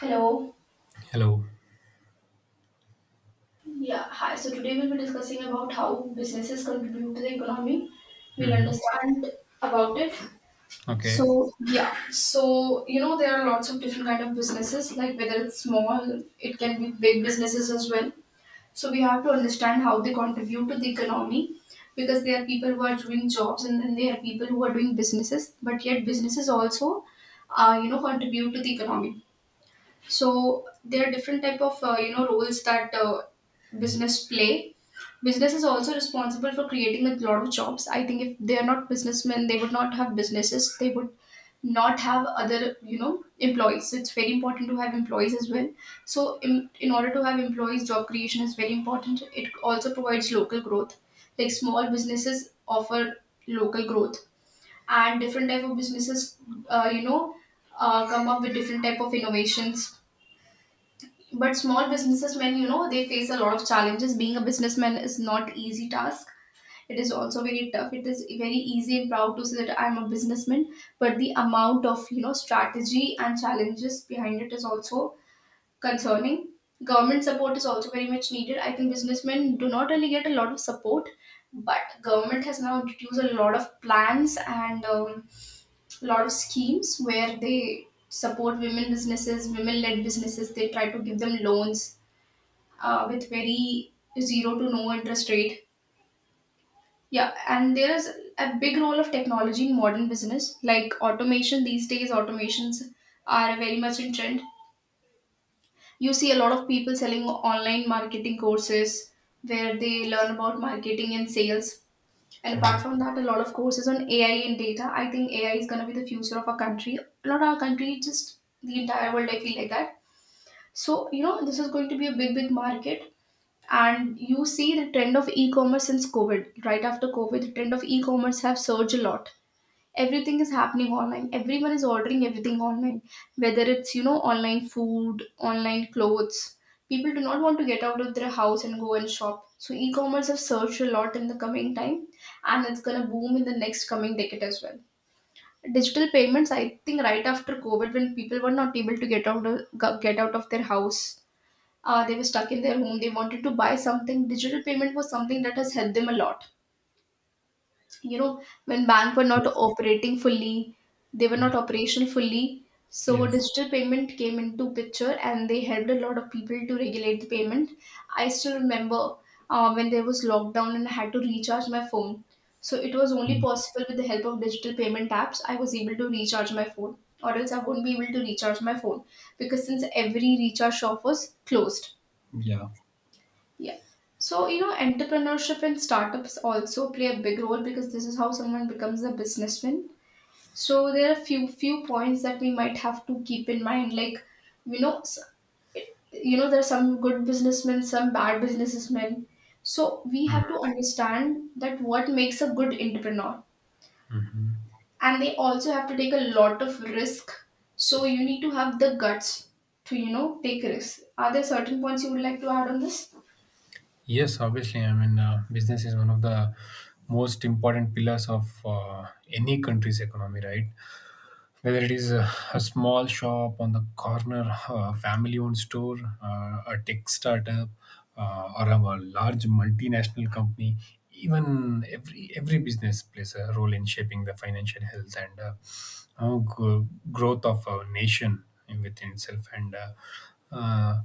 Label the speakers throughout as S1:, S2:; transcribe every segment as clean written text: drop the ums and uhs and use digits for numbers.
S1: Hello.
S2: Hello.
S1: Yeah, hi. So today we'll be discussing about how businesses contribute to the economy. We'll
S2: Hmm.
S1: understand about it. So
S2: Okay.
S1: so there are lots of different kind of businesses, like whether it's small, it can be big businesses as well. So we have to understand how they contribute to the economy because there are people who are doing jobs and then there are people who are doing businesses, but yet businesses also contribute to the economy. So there are different type of roles that business play. Business is also responsible for creating a lot of jobs. I think if they are not businessmen they would not have businesses, they would not have other, you know, employees, so it's very important to have employees as well. So in order to have employees, job creation is very important. It also provides local growth, like small businesses offer local growth, and different type of businesses uh, you know come up with different type of innovations. But small businessmen, you know, they face a lot of challenges. Being a businessman is not easy task. It is also very tough. It is very easy and proud to say that I'm a businessman, but the amount of, you know, strategy and challenges behind it is also concerning. Government support is also very much needed. I think businessmen do not really get a lot of support, but government has now introduced a lot of plans and a lot of schemes where they support women businesses, women led businesses. They try to give them loans with very zero to no interest rate. Yeah, and there is a big role of technology in modern business, like automation. These days, automations are very much in trend. You see a lot of people selling online marketing courses where they learn about marketing and sales. And apart
S2: Yes.
S1: from that, a lot of courses on AI and data. I think AI is going to be the future of our country. Not our country, just the entire world. I feel like that. So, you know, this is going to be a big, big market, and you see the trend of e-commerce since covid. Right after covid, the trend of e-commerce have surged a lot. Everything is happening online, everyone is ordering everything online, whether it's, you know, online food, online clothes. People do not want to get out of their house and go and shop, so e-commerce have surged a lot in the coming time, and it's going to boom in the next coming decade as well. Digital payments, I think right after covid, when people were not able to get out of their house, they were stuck in their home, they wanted to buy something. Digital payment was something that has helped them a lot, you know, when bank were not
S2: Yes.
S1: operating fully, they were
S2: Yeah.
S1: not operational fully. So
S2: Yes.
S1: digital payment came into picture and they helped a lot of people to regulate the payment. I still remember, when there was lockdown and I had to recharge my phone, so it was only
S2: Mhm.
S1: possible with the help of digital payment apps. I was able to recharge my phone, or else I wouldn't be able to recharge my phone, because since every recharge shop was closed.
S2: Yeah.
S1: Yeah. So, you know, entrepreneurship and startups also play a big role because this is how someone becomes a businessman. So there are few points that we might have to keep in mind. Like, you know, s- there are some good businessmen, some bad businessmen. So we have to understand that what makes a good entrepreneur.
S2: Mm-hmm.
S1: And they also have to take a lot of risk. So you need to have the guts to, you know, take risks. Are there certain points you would like to add on this?
S2: Yes, obviously. I mean, business is one of the most important pillars of any country's economy, right? Whether it is a small shop on the corner, a family owned store, a tech startup, or a large multinational company. Even every business plays a role in shaping the financial health and growth of a nation within itself. And uh,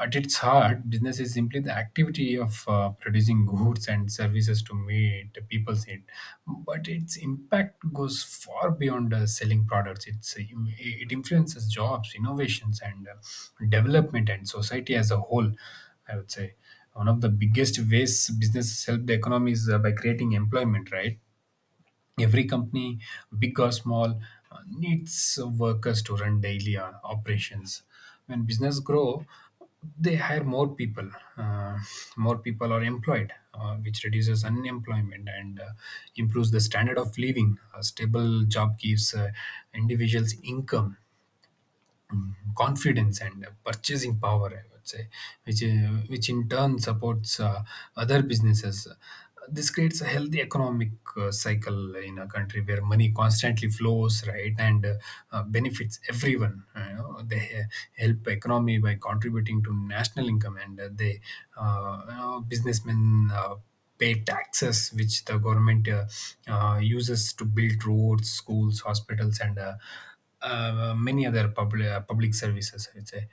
S2: at its heart, business is simply the activity of producing goods and services to meet people's need. But its impact goes far beyond selling products. It influences jobs, innovations, and development, and society as a whole. I would say one of the biggest ways businesses help the economy is by creating employment, right? Every company, big or small, needs workers to run daily operations. When business grow, they hire more people. Uh, more people are employed, which reduces unemployment and improves the standard of living. A stable job gives individuals income, confidence, and purchasing power, I would say, which in turn supports other businesses. This creates a healthy economic cycle in a country where money constantly flows, right? And benefits everyone. They help economy by contributing to national income, and businessmen pay taxes, which the government uses to build roads, schools, hospitals, and many other public services. I would say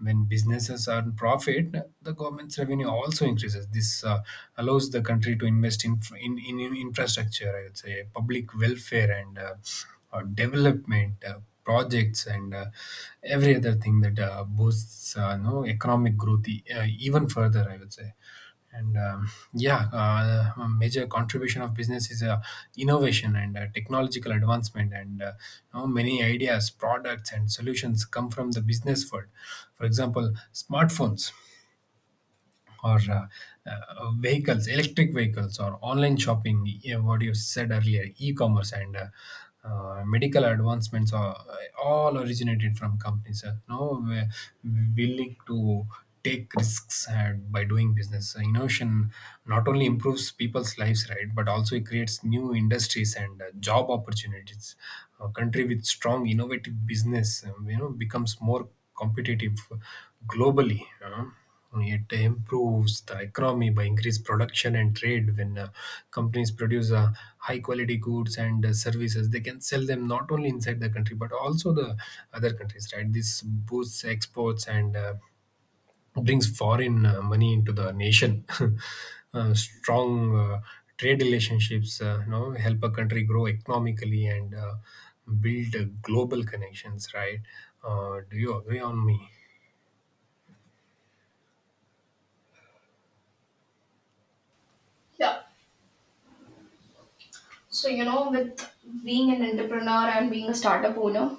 S2: when businesses earn profit, the government's revenue also increases. This allows the country to invest in infrastructure, I would say, public welfare, and development. Projects and every other thing that boosts no, economic growth, even further, I would say. And yeah, a major contribution of business is innovation and technological advancement, and many ideas, products, and solutions come from the business world. For example, smartphones, or vehicles, electric vehicles, or online shopping, yeah, what you said earlier, e commerce, and medical advancements are all originated from companies. No, we're willing to take risks and by doing business. So innovation not only improves people's lives, right, but also it creates new industries and job opportunities. A country with strong, innovative business, becomes more competitive globally. It improves the economy by increased production and trade. When companies produce high quality goods and services, they can sell them not only inside the country but also the other countries. Right? This boosts exports and brings foreign money into the nation. Strong trade relationships, help a country grow economically and build global connections. Right? Do you agree on me?
S1: Yeah. So, you know, with being an entrepreneur and being a startup owner,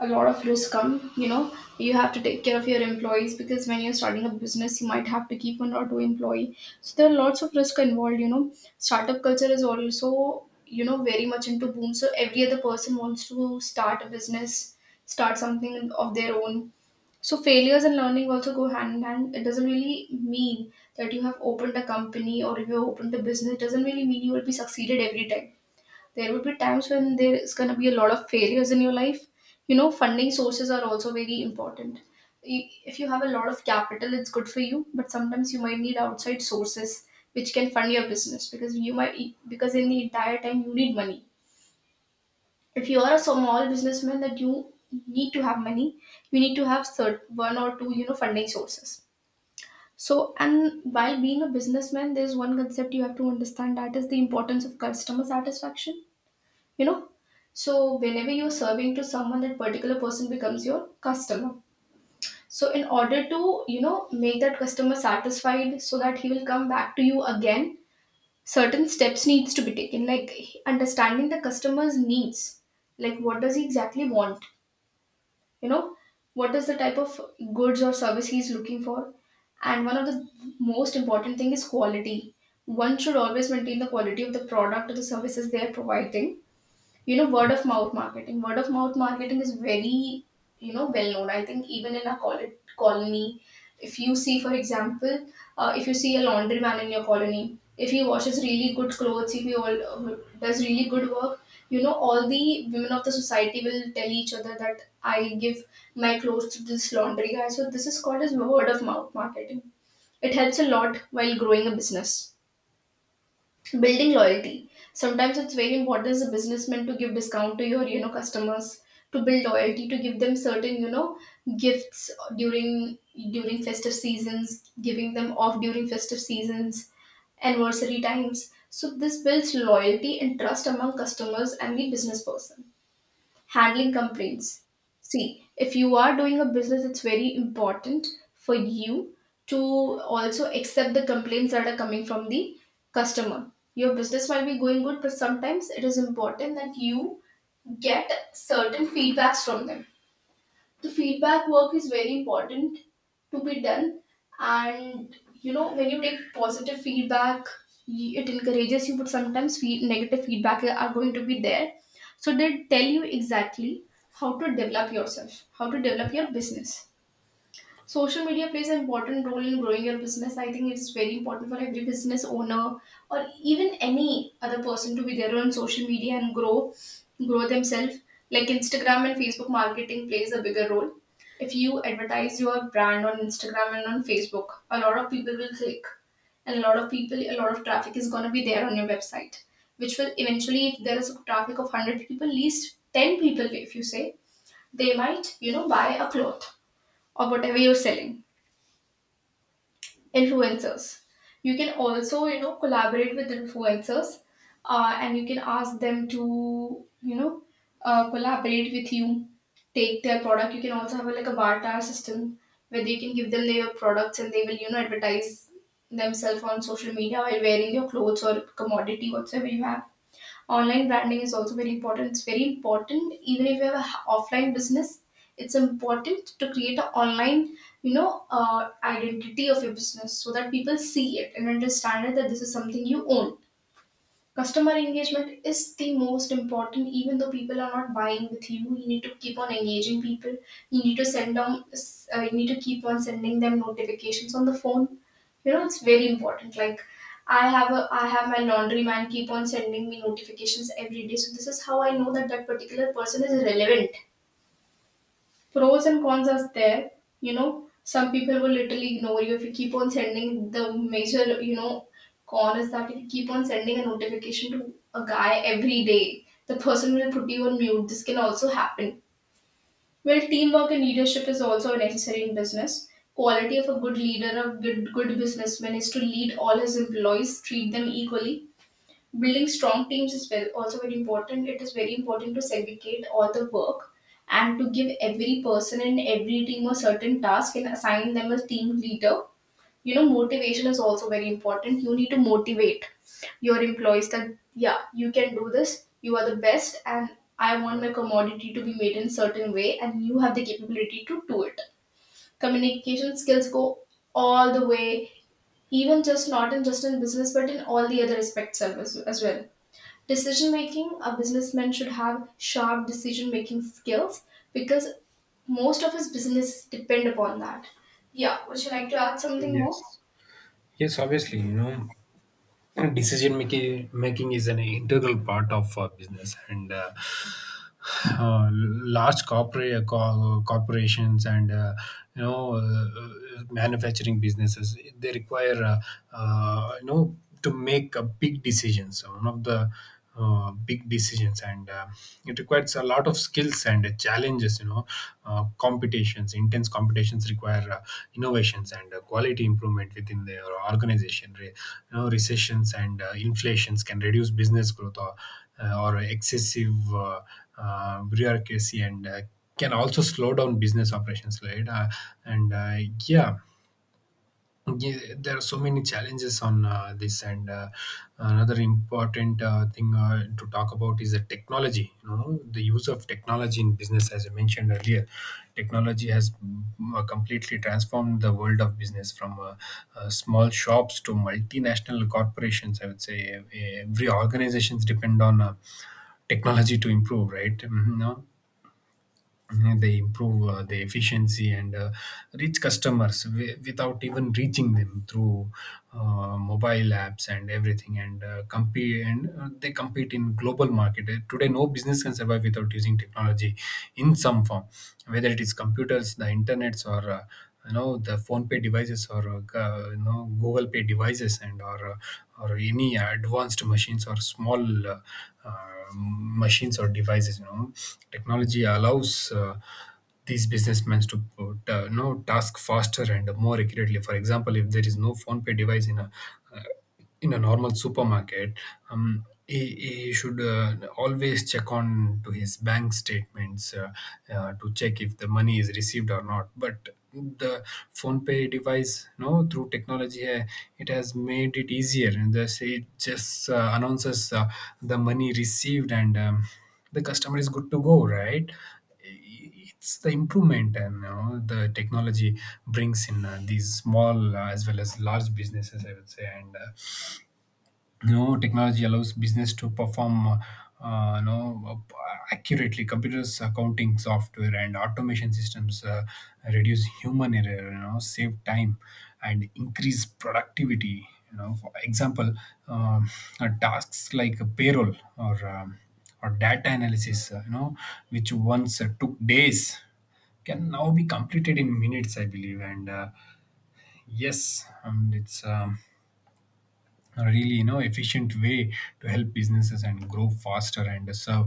S1: a lot of risks come. You know, you have to take care of your employees because when you're starting a business, you might have to keep one or two employee. So there are lots of risk involved. You know, startup culture is also, you know, very much into boom. So every other person wants to start a business, start something of their own. So failures and learning also go hand in hand. It doesn't really mean that you have opened a company or if you have opened a business, it doesn't really mean you will be succeeded every time. There will be times when there is going to be a lot of failures in your life. You know, funding sources are also very important. If you have a lot of capital, it's good for you, but sometimes you might need outside sources which can fund your business, because you might, because in the entire time you need money. If you are a small businessman, that you need to have money, you need to have one or two, you know, funding sources. So, and while being a businessman, there's one concept you have to understand, that is the importance of customer satisfaction. You know, so whenever you're serving to someone, that particular person becomes your customer. So in order to, you know, make that customer satisfied so that he will come back to you again, certain steps needs to be taken, like understanding the customer's needs, like what does he exactly want, you know, what is the type of goods or service he's looking for. And one of the most important thing is quality. One should always maintain the quality of the product or the services they are providing. You know, word of mouth marketing. Word of mouth marketing is very, you know, well known. I think even in a colony, if you see, for example, if you see a laundry man in your colony, if he washes really good clothes, if he all does really good work, you know, all the women of the society will tell each other that I give my clothes to this laundry guy. So this is called as word of mouth marketing. It helps a lot while growing a business. Building loyalty, sometimes it's very important as a businessman to give discount to your, you know, customers, to build loyalty, to give them certain, you know, gifts during festive seasons, giving them off during festive seasons, anniversary times. So this builds loyalty and trust among customers and the business person. Handling complaints, see, if you are doing a business, it's very important for you to also accept the complaints that are coming from the customer. Your business might be going good, but sometimes it is important that you get certain feedbacks from them. The feedback work is very important to be done. And, you know, when you take positive feedback, it encourages you, but sometimes negative feedback are going to be there, so they tell you exactly how to develop yourself, how to develop your business. Social media plays an important role in growing your business. I think it's very important for every business owner or even any other person to be there on social media and grow themselves. Like Instagram and Facebook marketing plays a bigger role. If you advertise your brand on Instagram and on Facebook, a lot of people will click, and a lot of people, a lot of traffic is going to be there on your website, which will eventually, if there is a traffic of 100 people, at least 10 people, if you say, they might, you know, buy a cloth or whatever you're selling. Influencers, you can also, you know, collaborate with influencers, and you can ask them to, you know, collaborate with you, take their product. You can also have a, like a barter system where you can give them their products and they will, you know, advertise themselves on social media while wearing your clothes or commodity, whatsoever you have. Online branding is also very important. It's very important even if you have an offline business. It's important to create an online, you know, identity of your business so that people see it and understand it that this is something you own. Customer engagement is the most important, even though people are not buying with you. You need to keep on engaging people. You need to send them. You need to keep on sending them notifications on the phone. You know it's very important. Like I have my laundry man keep on sending me notifications every day. So this is how I know that that particular person is relevant. Pros and cons are there. You know, some people will literally ignore you if you keep on sending the major. Con is that if you keep on sending a notification to a guy every day, the person will put you on mute. This can also happen. Well, teamwork and leadership is also necessary in business. Quality of a good leader, a good businessman is to lead all his employees, treat them equally. Building strong teams is very, also very important. It is very important to segregate all the work and to give every person in every team a certain task and assign them a team leader. You know, motivation is also very important. You need to motivate your employees that, yeah, you can do this, you are the best, and I want my commodity to be made in a certain way, and you have the capability to do it. Communication skills go all the way, even just not in just in business, but in all the other aspects of as well. Decision making, a businessman should have sharp decision making skills, because most of his business depend upon that. Yeah, would you like to add something more?
S2: Yes. Yes, obviously, you know. And decision making is an integral part of business and large corporate corporations, and manufacturing businesses, they require uh, you know to make a big decisions, one of the big decisions, and it requires a lot of skills and challenges, you know, competitions, intense competitions require innovations and quality improvement within their organization. Recessions and inflations can reduce business growth, or excessive bureaucracy, and can also slow down business operations, right? And Yeah, yeah, there are so many challenges on this, and another important thing to talk about is the technology. The use of technology in business, as I mentioned earlier, technology has completely transformed the world of business. From small shops to multinational corporations, I would say every organizations depend on technology to improve, right? Mhm, no? Mhm, they improve the efficiency and reach customers without even reaching them through mobile apps and everything, and compete, and they compete in global market. Today no business can survive without using technology in some form, whether it is computers, the internets, or the phone pay devices, or google pay devices, and or any advanced machines or small machines or devices. Technology allows these businessmen to put, task faster and more accurately. For example, if there is no phone pay device in uh, a normal supermarket, he should always check on to his bank statements to check if the money is received or not. But the phone pay device, no, through technology, it has made it easier. And thus it just announces the money received, and the customer is good to go, right? It's the improvement, and the technology brings in these small as well as large businesses, I would say. And technology allows business to perform uh, you know uh, accurately. Computers, accounting software, and automation systems reduce human error, you know, save time and increase productivity. You know, for example, um, tasks like payroll, or data analysis, which once took days can now be completed in minutes, I believe. And yes, it's a really, you know, efficient way to help businesses and grow faster and serve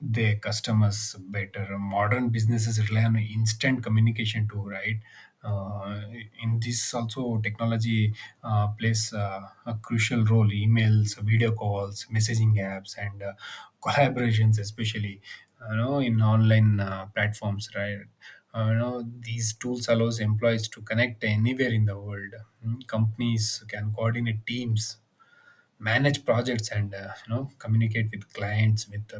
S2: their customers better. Modern businesses rely on instant communication too, right? uh, in this also technology plays a crucial role. Emails, video calls, messaging apps, and collaborations, especially, you know, in online platforms, right? These tools allows employees to connect anywhere in the world. Companies can coordinate teams, manage projects, and communicate with clients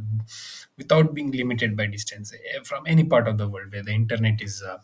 S2: without being limited by distance, from any part of the world where the internet is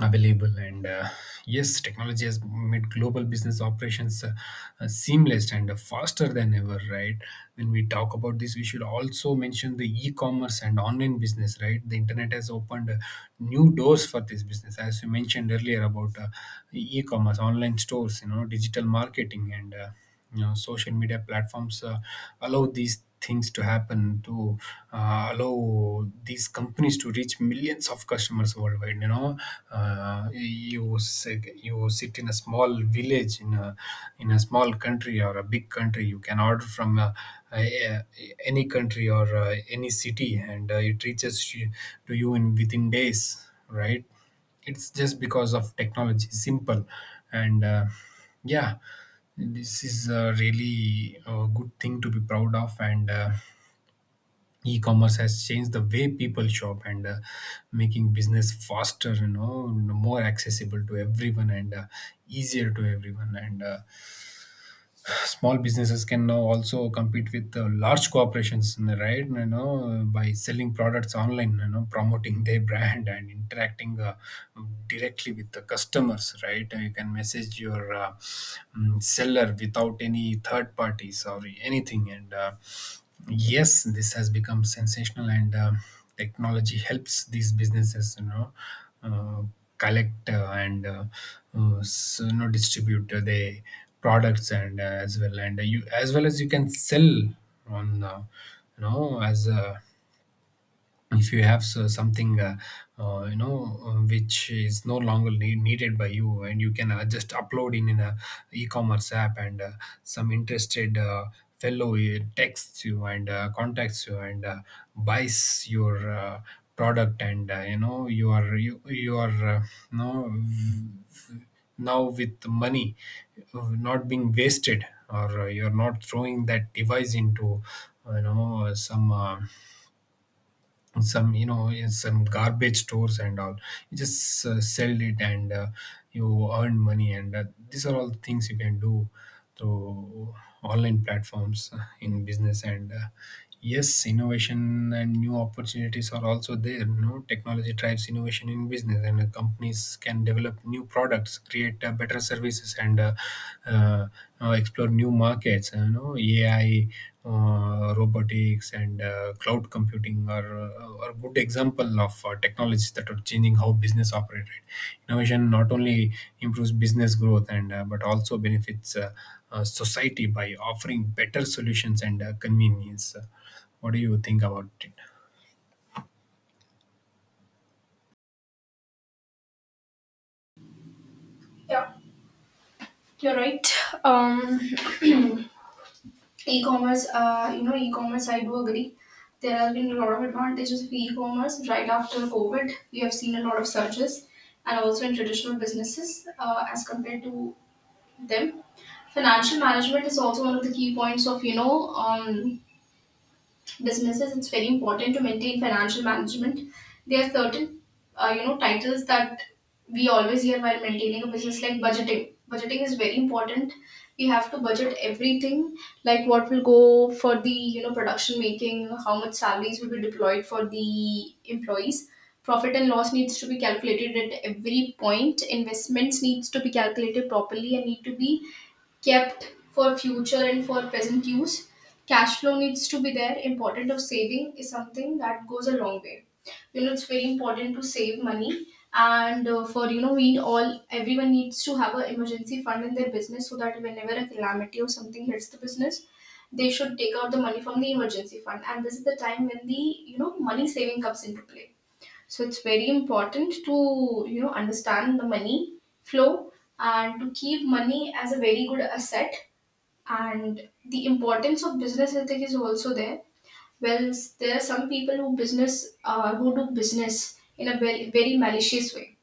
S2: available. And yes, technology has made global business operations seamless and faster than ever, right? When we talk about this, we should also mention the e-commerce and online business. Right? The internet has opened new doors for this business. As you mentioned earlier about e-commerce, online stores, you know, digital marketing and social media platforms allow these things to happen, to allow these companies to reach millions of customers worldwide. You know, you sit in a small village in a small country or a big country, you can order from any country or any city, and it reaches to you in within days, right? It's just because of technology, simple. And yeah, this is a really good thing to be proud of. And e commerce has changed the way people shop and making business faster, more accessible to everyone, and easier to everyone. And small businesses can now also compete with large corporations, right? By selling products online, you know, promoting their brand and interacting directly with the customers, right? You can message your seller without any third parties or anything. And yes, this has become sensational. And technology helps these businesses, you know, uh, collect and distribute the products, and as well. And you as well as you can sell on, as a if you have something, which is no longer needed by you. And you can just upload in a e-commerce app, and some interested fellow texts you, and contacts you, and buys your product. And you are you know, v- now with money not being wasted, or you're not throwing that device into you know some you know in some garbage stores and all. You just sell it, and you earn money. And these are all things you can do through online platforms in business. And yes, innovation and new opportunities are also there. No, technology drives innovation in business, and companies can develop new products, create better services, and uh, explore new markets. AI, robotics, and cloud computing are good example of technologies that are changing how business operate, right? Innovation not only improves business growth and but also benefits society by offering better solutions and convenience. What do you think about it?
S1: Yeah, you're right. Um, E-commerce, you know, e-commerce. I do agree. There have been a lot of advantages of e-commerce. Right after COVID, we have seen a lot of surges, and also in traditional businesses as compared to them. Financial management is also one of the key points of businesses. It's very important to maintain financial management. There are certain you know titles that we always hear while maintaining a business, like budgeting. Budgeting is very important. We have to budget everything, like what will go for the, you know, production making, how much salaries will be deployed for the employees. Profit and loss needs to be calculated at every point. Investments needs to be calculated properly and need to be kept for future and for present use. Cash flow needs to be there. Important of saving is something that goes a long way. You know, it's very important to save money, and for you know, we all everyone needs to have a emergency fund in their business so that whenever a calamity or something hits the business, they should take out the money from the emergency fund. And this is the time when the you know money saving comes into play. So it's very important to you know understand the money flow and to keep money as a very good asset. And the importance of business ethic is also there. Well, there are some people who business who do business in a very, very malicious way,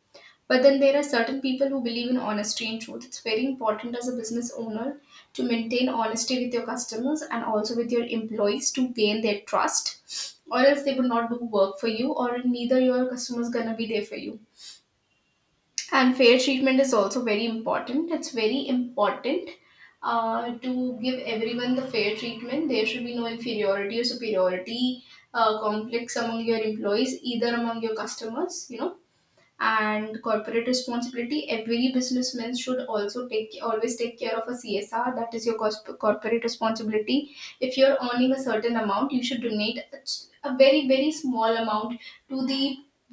S1: but then there are certain people who believe in honesty and truth. It's very important as a business owner to maintain honesty with your customers and also with your employees to gain their trust, or else they would not do work for you, or neither your customers gonna be there for you. And fair treatment is also very important. It's very important to give everyone the fair treatment. There should be no inferiority or superiority complex among your employees, either among your customers, you know. And corporate responsibility, every businessman should also take always take care of a CSR, that is your corporate responsibility. If you're earning a certain amount, you should donate a very, very small amount to the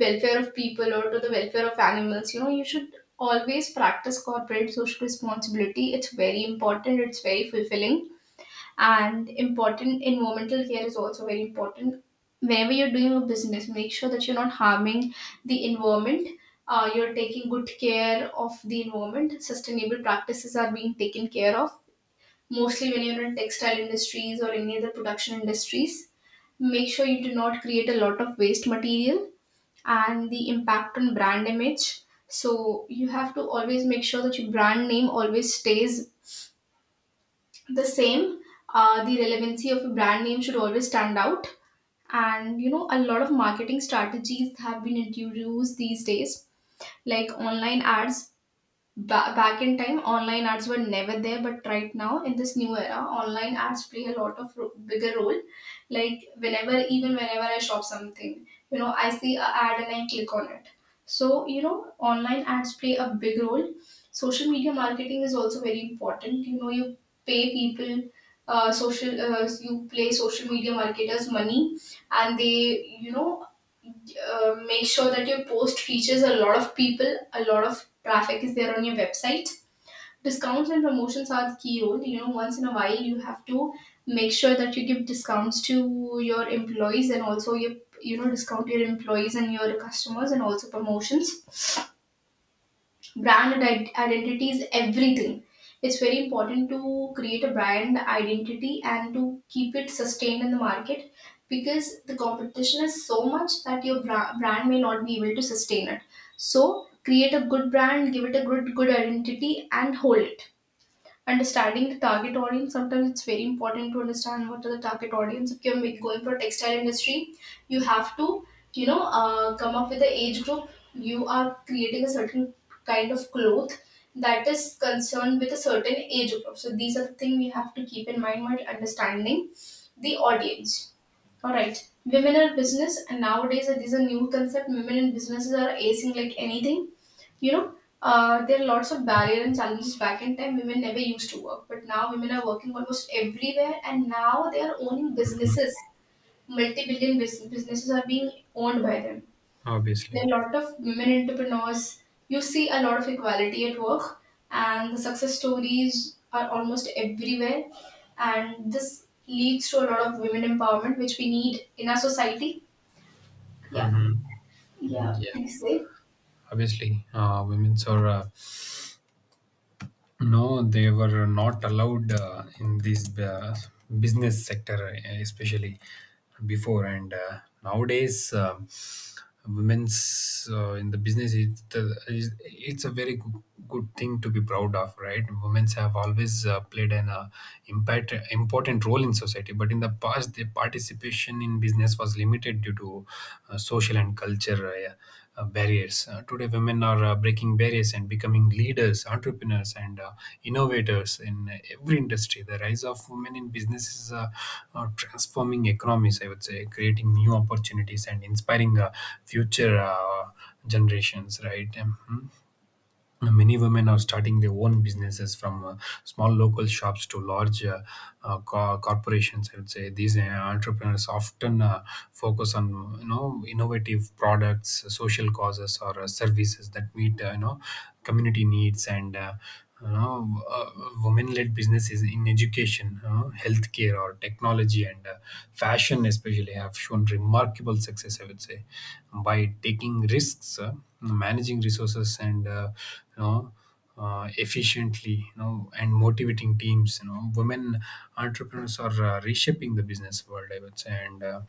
S1: welfare of people or to the welfare of animals. You know, you should always practice corporate social responsibility. It's very important, it's very fulfilling and important. Environmental care is also very important. Whenever you're doing a business, make sure that you're not harming the environment, you're taking good care of the environment, sustainable practices are being taken care of, mostly when you're in textile industries or any other production industries. Make sure you do not create a lot of waste material. And the impact on brand image. So you have to always make sure that your brand name always stays the same. The relevancy of a brand name should always stand out. And you know, a lot of marketing strategies have been introduced these days, like online ads. Back in time online ads were never there, but right now in this new era online ads play a lot of bigger role. Like whenever, even whenever I shop something, you know, I see a ad and I click on it. So you know, online ads play a big role. Social media marketing is also very important. You know, you pay people, social you play social media marketers money, and they, you know, make sure that your post reaches a lot of people, a lot of traffic is there on your website. Discounts and promotions are the key role. You know, once in a while you have to make sure that you give discounts to your employees, and also you know discount your employees and your customers, and also promotions. Brand identity is everything. It's very important to create a brand identity and to keep it sustained in the market, because the competition is so much that your brand may not be able to sustain it. So create a good brand, give it a good identity and hold it. Understanding the target audience, sometimes it's very important to understand what are the target audience. If you're going for textile industry, you have to, you know, come up with the age group. You are creating a certain kind of cloth that is concerned with a certain age group. So these are the things we have to keep in mind while understanding the audience. All right, women are business, and nowadays these are new concept. Women in businesses are acing like anything, you know, there are lots of barriers and challenges back in time. Women never used to work, but now women are working almost everywhere, and now they are owning businesses. Multi-billion businesses are being owned by them.
S2: Obviously.
S1: There are a lot of women entrepreneurs. You see a lot of equality at work, and the success stories are almost everywhere. And this leads to a lot of women empowerment, which we need in our society. Yeah, yeah.
S2: Yeah.
S1: Please say.
S2: Obviously, women's are no, they were not allowed in this business sector, especially before. And nowadays, women's in the business, it's a very good thing to be proud of, right? Women's have always played an important role in society, but in the past, their participation in business was limited due to social and culture. Barriers. Today, women are breaking barriers and becoming leaders, entrepreneurs, and innovators in every industry. The rise of women in business is transforming economies, I would say, creating new opportunities and inspiring future generations, right? Mhm. Many women are starting their own businesses from small local shops to large corporations. I would say these entrepreneurs often focus on you know innovative products, social causes, or services that meet you know community needs and. You know, women-led businesses in education, you know, healthcare, or technology and fashion, especially, have shown remarkable success. I would say by taking risks, managing resources and you know efficiently, you know, and motivating teams, you know, women entrepreneurs are reshaping the business world, I would say. And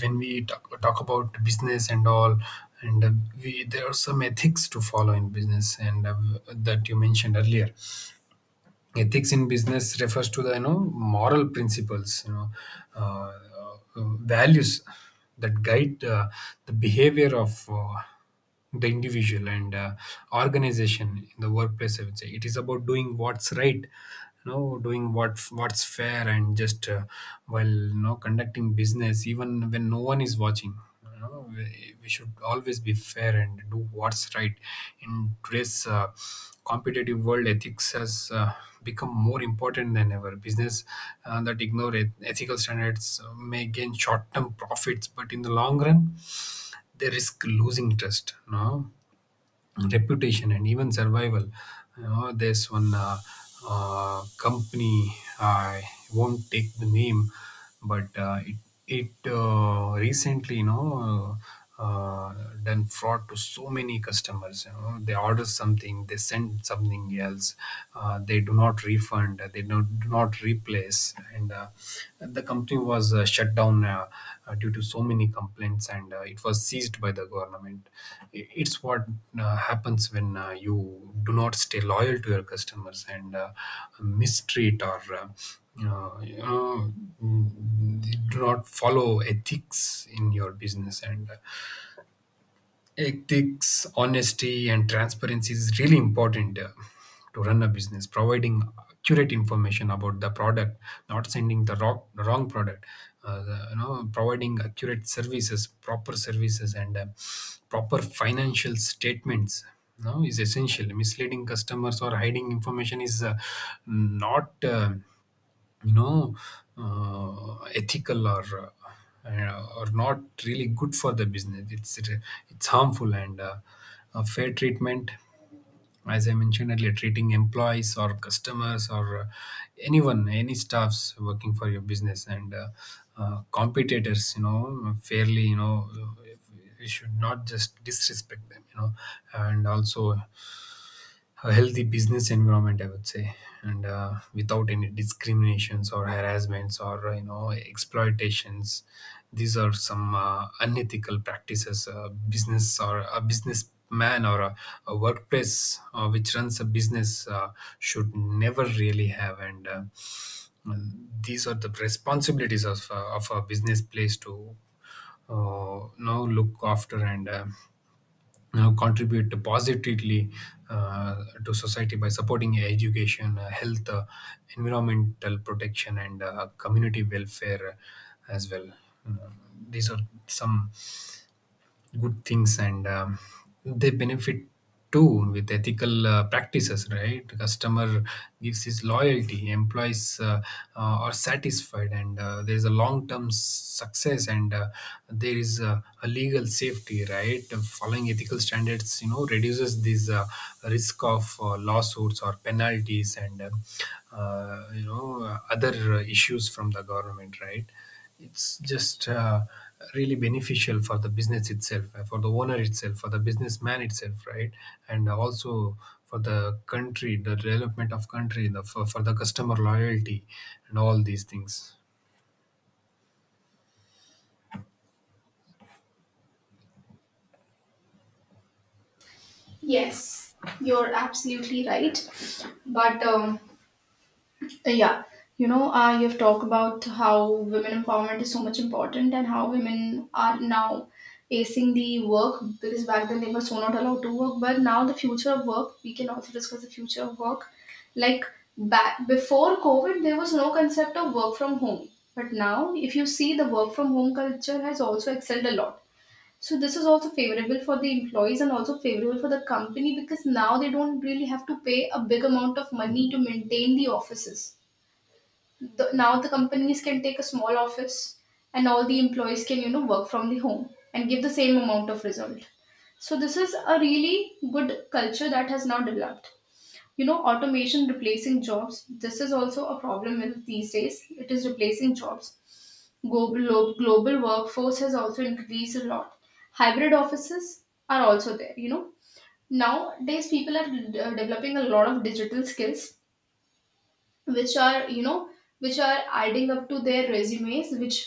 S2: when we talk about business and all, and we there are some ethics to follow in business, and that you mentioned earlier. Ethics in business refers to the you know moral principles, you know, uh, values that guide the behavior of the individual and organization in the workplace. I would say it is about doing what's right, you know, doing what's fair and just. While you know conducting business even when no one is watching, you know, we should always be fair and do what's right. In today's competitive world, ethics has become more important than ever. Business that ignore ethical standards may gain short-term profits, but in the long run, they risk losing trust. No, reputation and even survival. You know, there's one company I won't take the name, but it recently, you know, uh, uh, done fraud to so many customers. You know, they order something, they send something else, they do not refund, they do not place. And the company was shut down due to so many complaints, and it was seized by the government. It's what happens when you do not stay loyal to your customers and mistreat or you know, do not follow ethics in your business. And ethics, honesty, and transparency is really important to run a business. Providing accurate information about the product, not sending the wrong product. You know, providing accurate services, proper services, and proper financial statements, you know, is essential. Misleading customers or hiding information is not. You know, ethical or not really good for the business. It's harmful. And fair treatment, as I mentioned earlier, treating employees or customers or anyone, any staffs working for your business, and competitors, you know, fairly, you know, we should not just disrespect them, you know. And also a healthy business environment, I would say, and without any discriminations or harassments or you know exploitations. These are some unethical practices a business or a businessman or a workplace which runs a business should never really have. And and these are the responsibilities of of a business place to now look after, and you know, contribute positively to society by supporting education, health, environmental protection, and community welfare as well. You know, these are some good things. And they benefit too with ethical practices, right? Customer gives his loyalty, employees are satisfied, and there is a long term success. And there is a legal safety, right? Following ethical standards, you know, reduces this risk of lawsuits or penalties, and you know other issues from the government, right? It's just really beneficial for the business itself, for the owner itself, for the businessman itself, right? And also for the country, the development of country, for the customer loyalty, and all these things.
S1: Yes, you're absolutely right. But yeah, you know, you've talked about how women empowerment is so much important and how women are now acing the work because back then they were so not allowed to work. But now the future of work, we can also discuss the future of work. Like back before COVID, there was no concept of work from home. But now, if you see, the work from home culture has also excelled a lot. So this is also favorable for the employees and also favorable for the company, because now they don't really have to pay a big amount of money to maintain the offices. Now the companies can take a small office and all the employees can you know work from the home and give the same amount of result. So this is a really good culture that has now developed. You know, automation replacing jobs, this is also a problem with these days, it is replacing jobs. Global workforce has also increased a lot. Hybrid offices are also there. You know, nowadays people are developing a lot of digital skills, which are you know, which are adding up to their resumes, which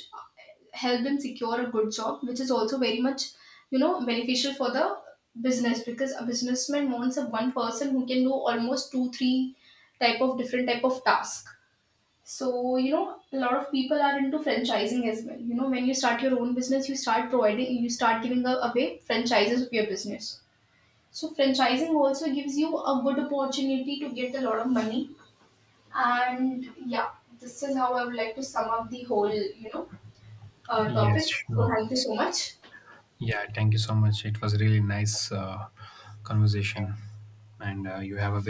S1: help them secure a good job, which is also very much, you know, beneficial for the business because a businessman wants a one person who can do almost two, three type of different type of task. So, you know, a lot of people are into franchising as well. You know, when you start your own business, you start providing, you start giving away franchises of your business. So, franchising also gives you a good opportunity to get a lot of money. And yeah, this is how I would like to sum up the whole, you know,
S2: Yes,
S1: topic. So,
S2: sure.
S1: thank you so much.
S2: Yeah, thank you so much. It was really nice conversation, and you have a very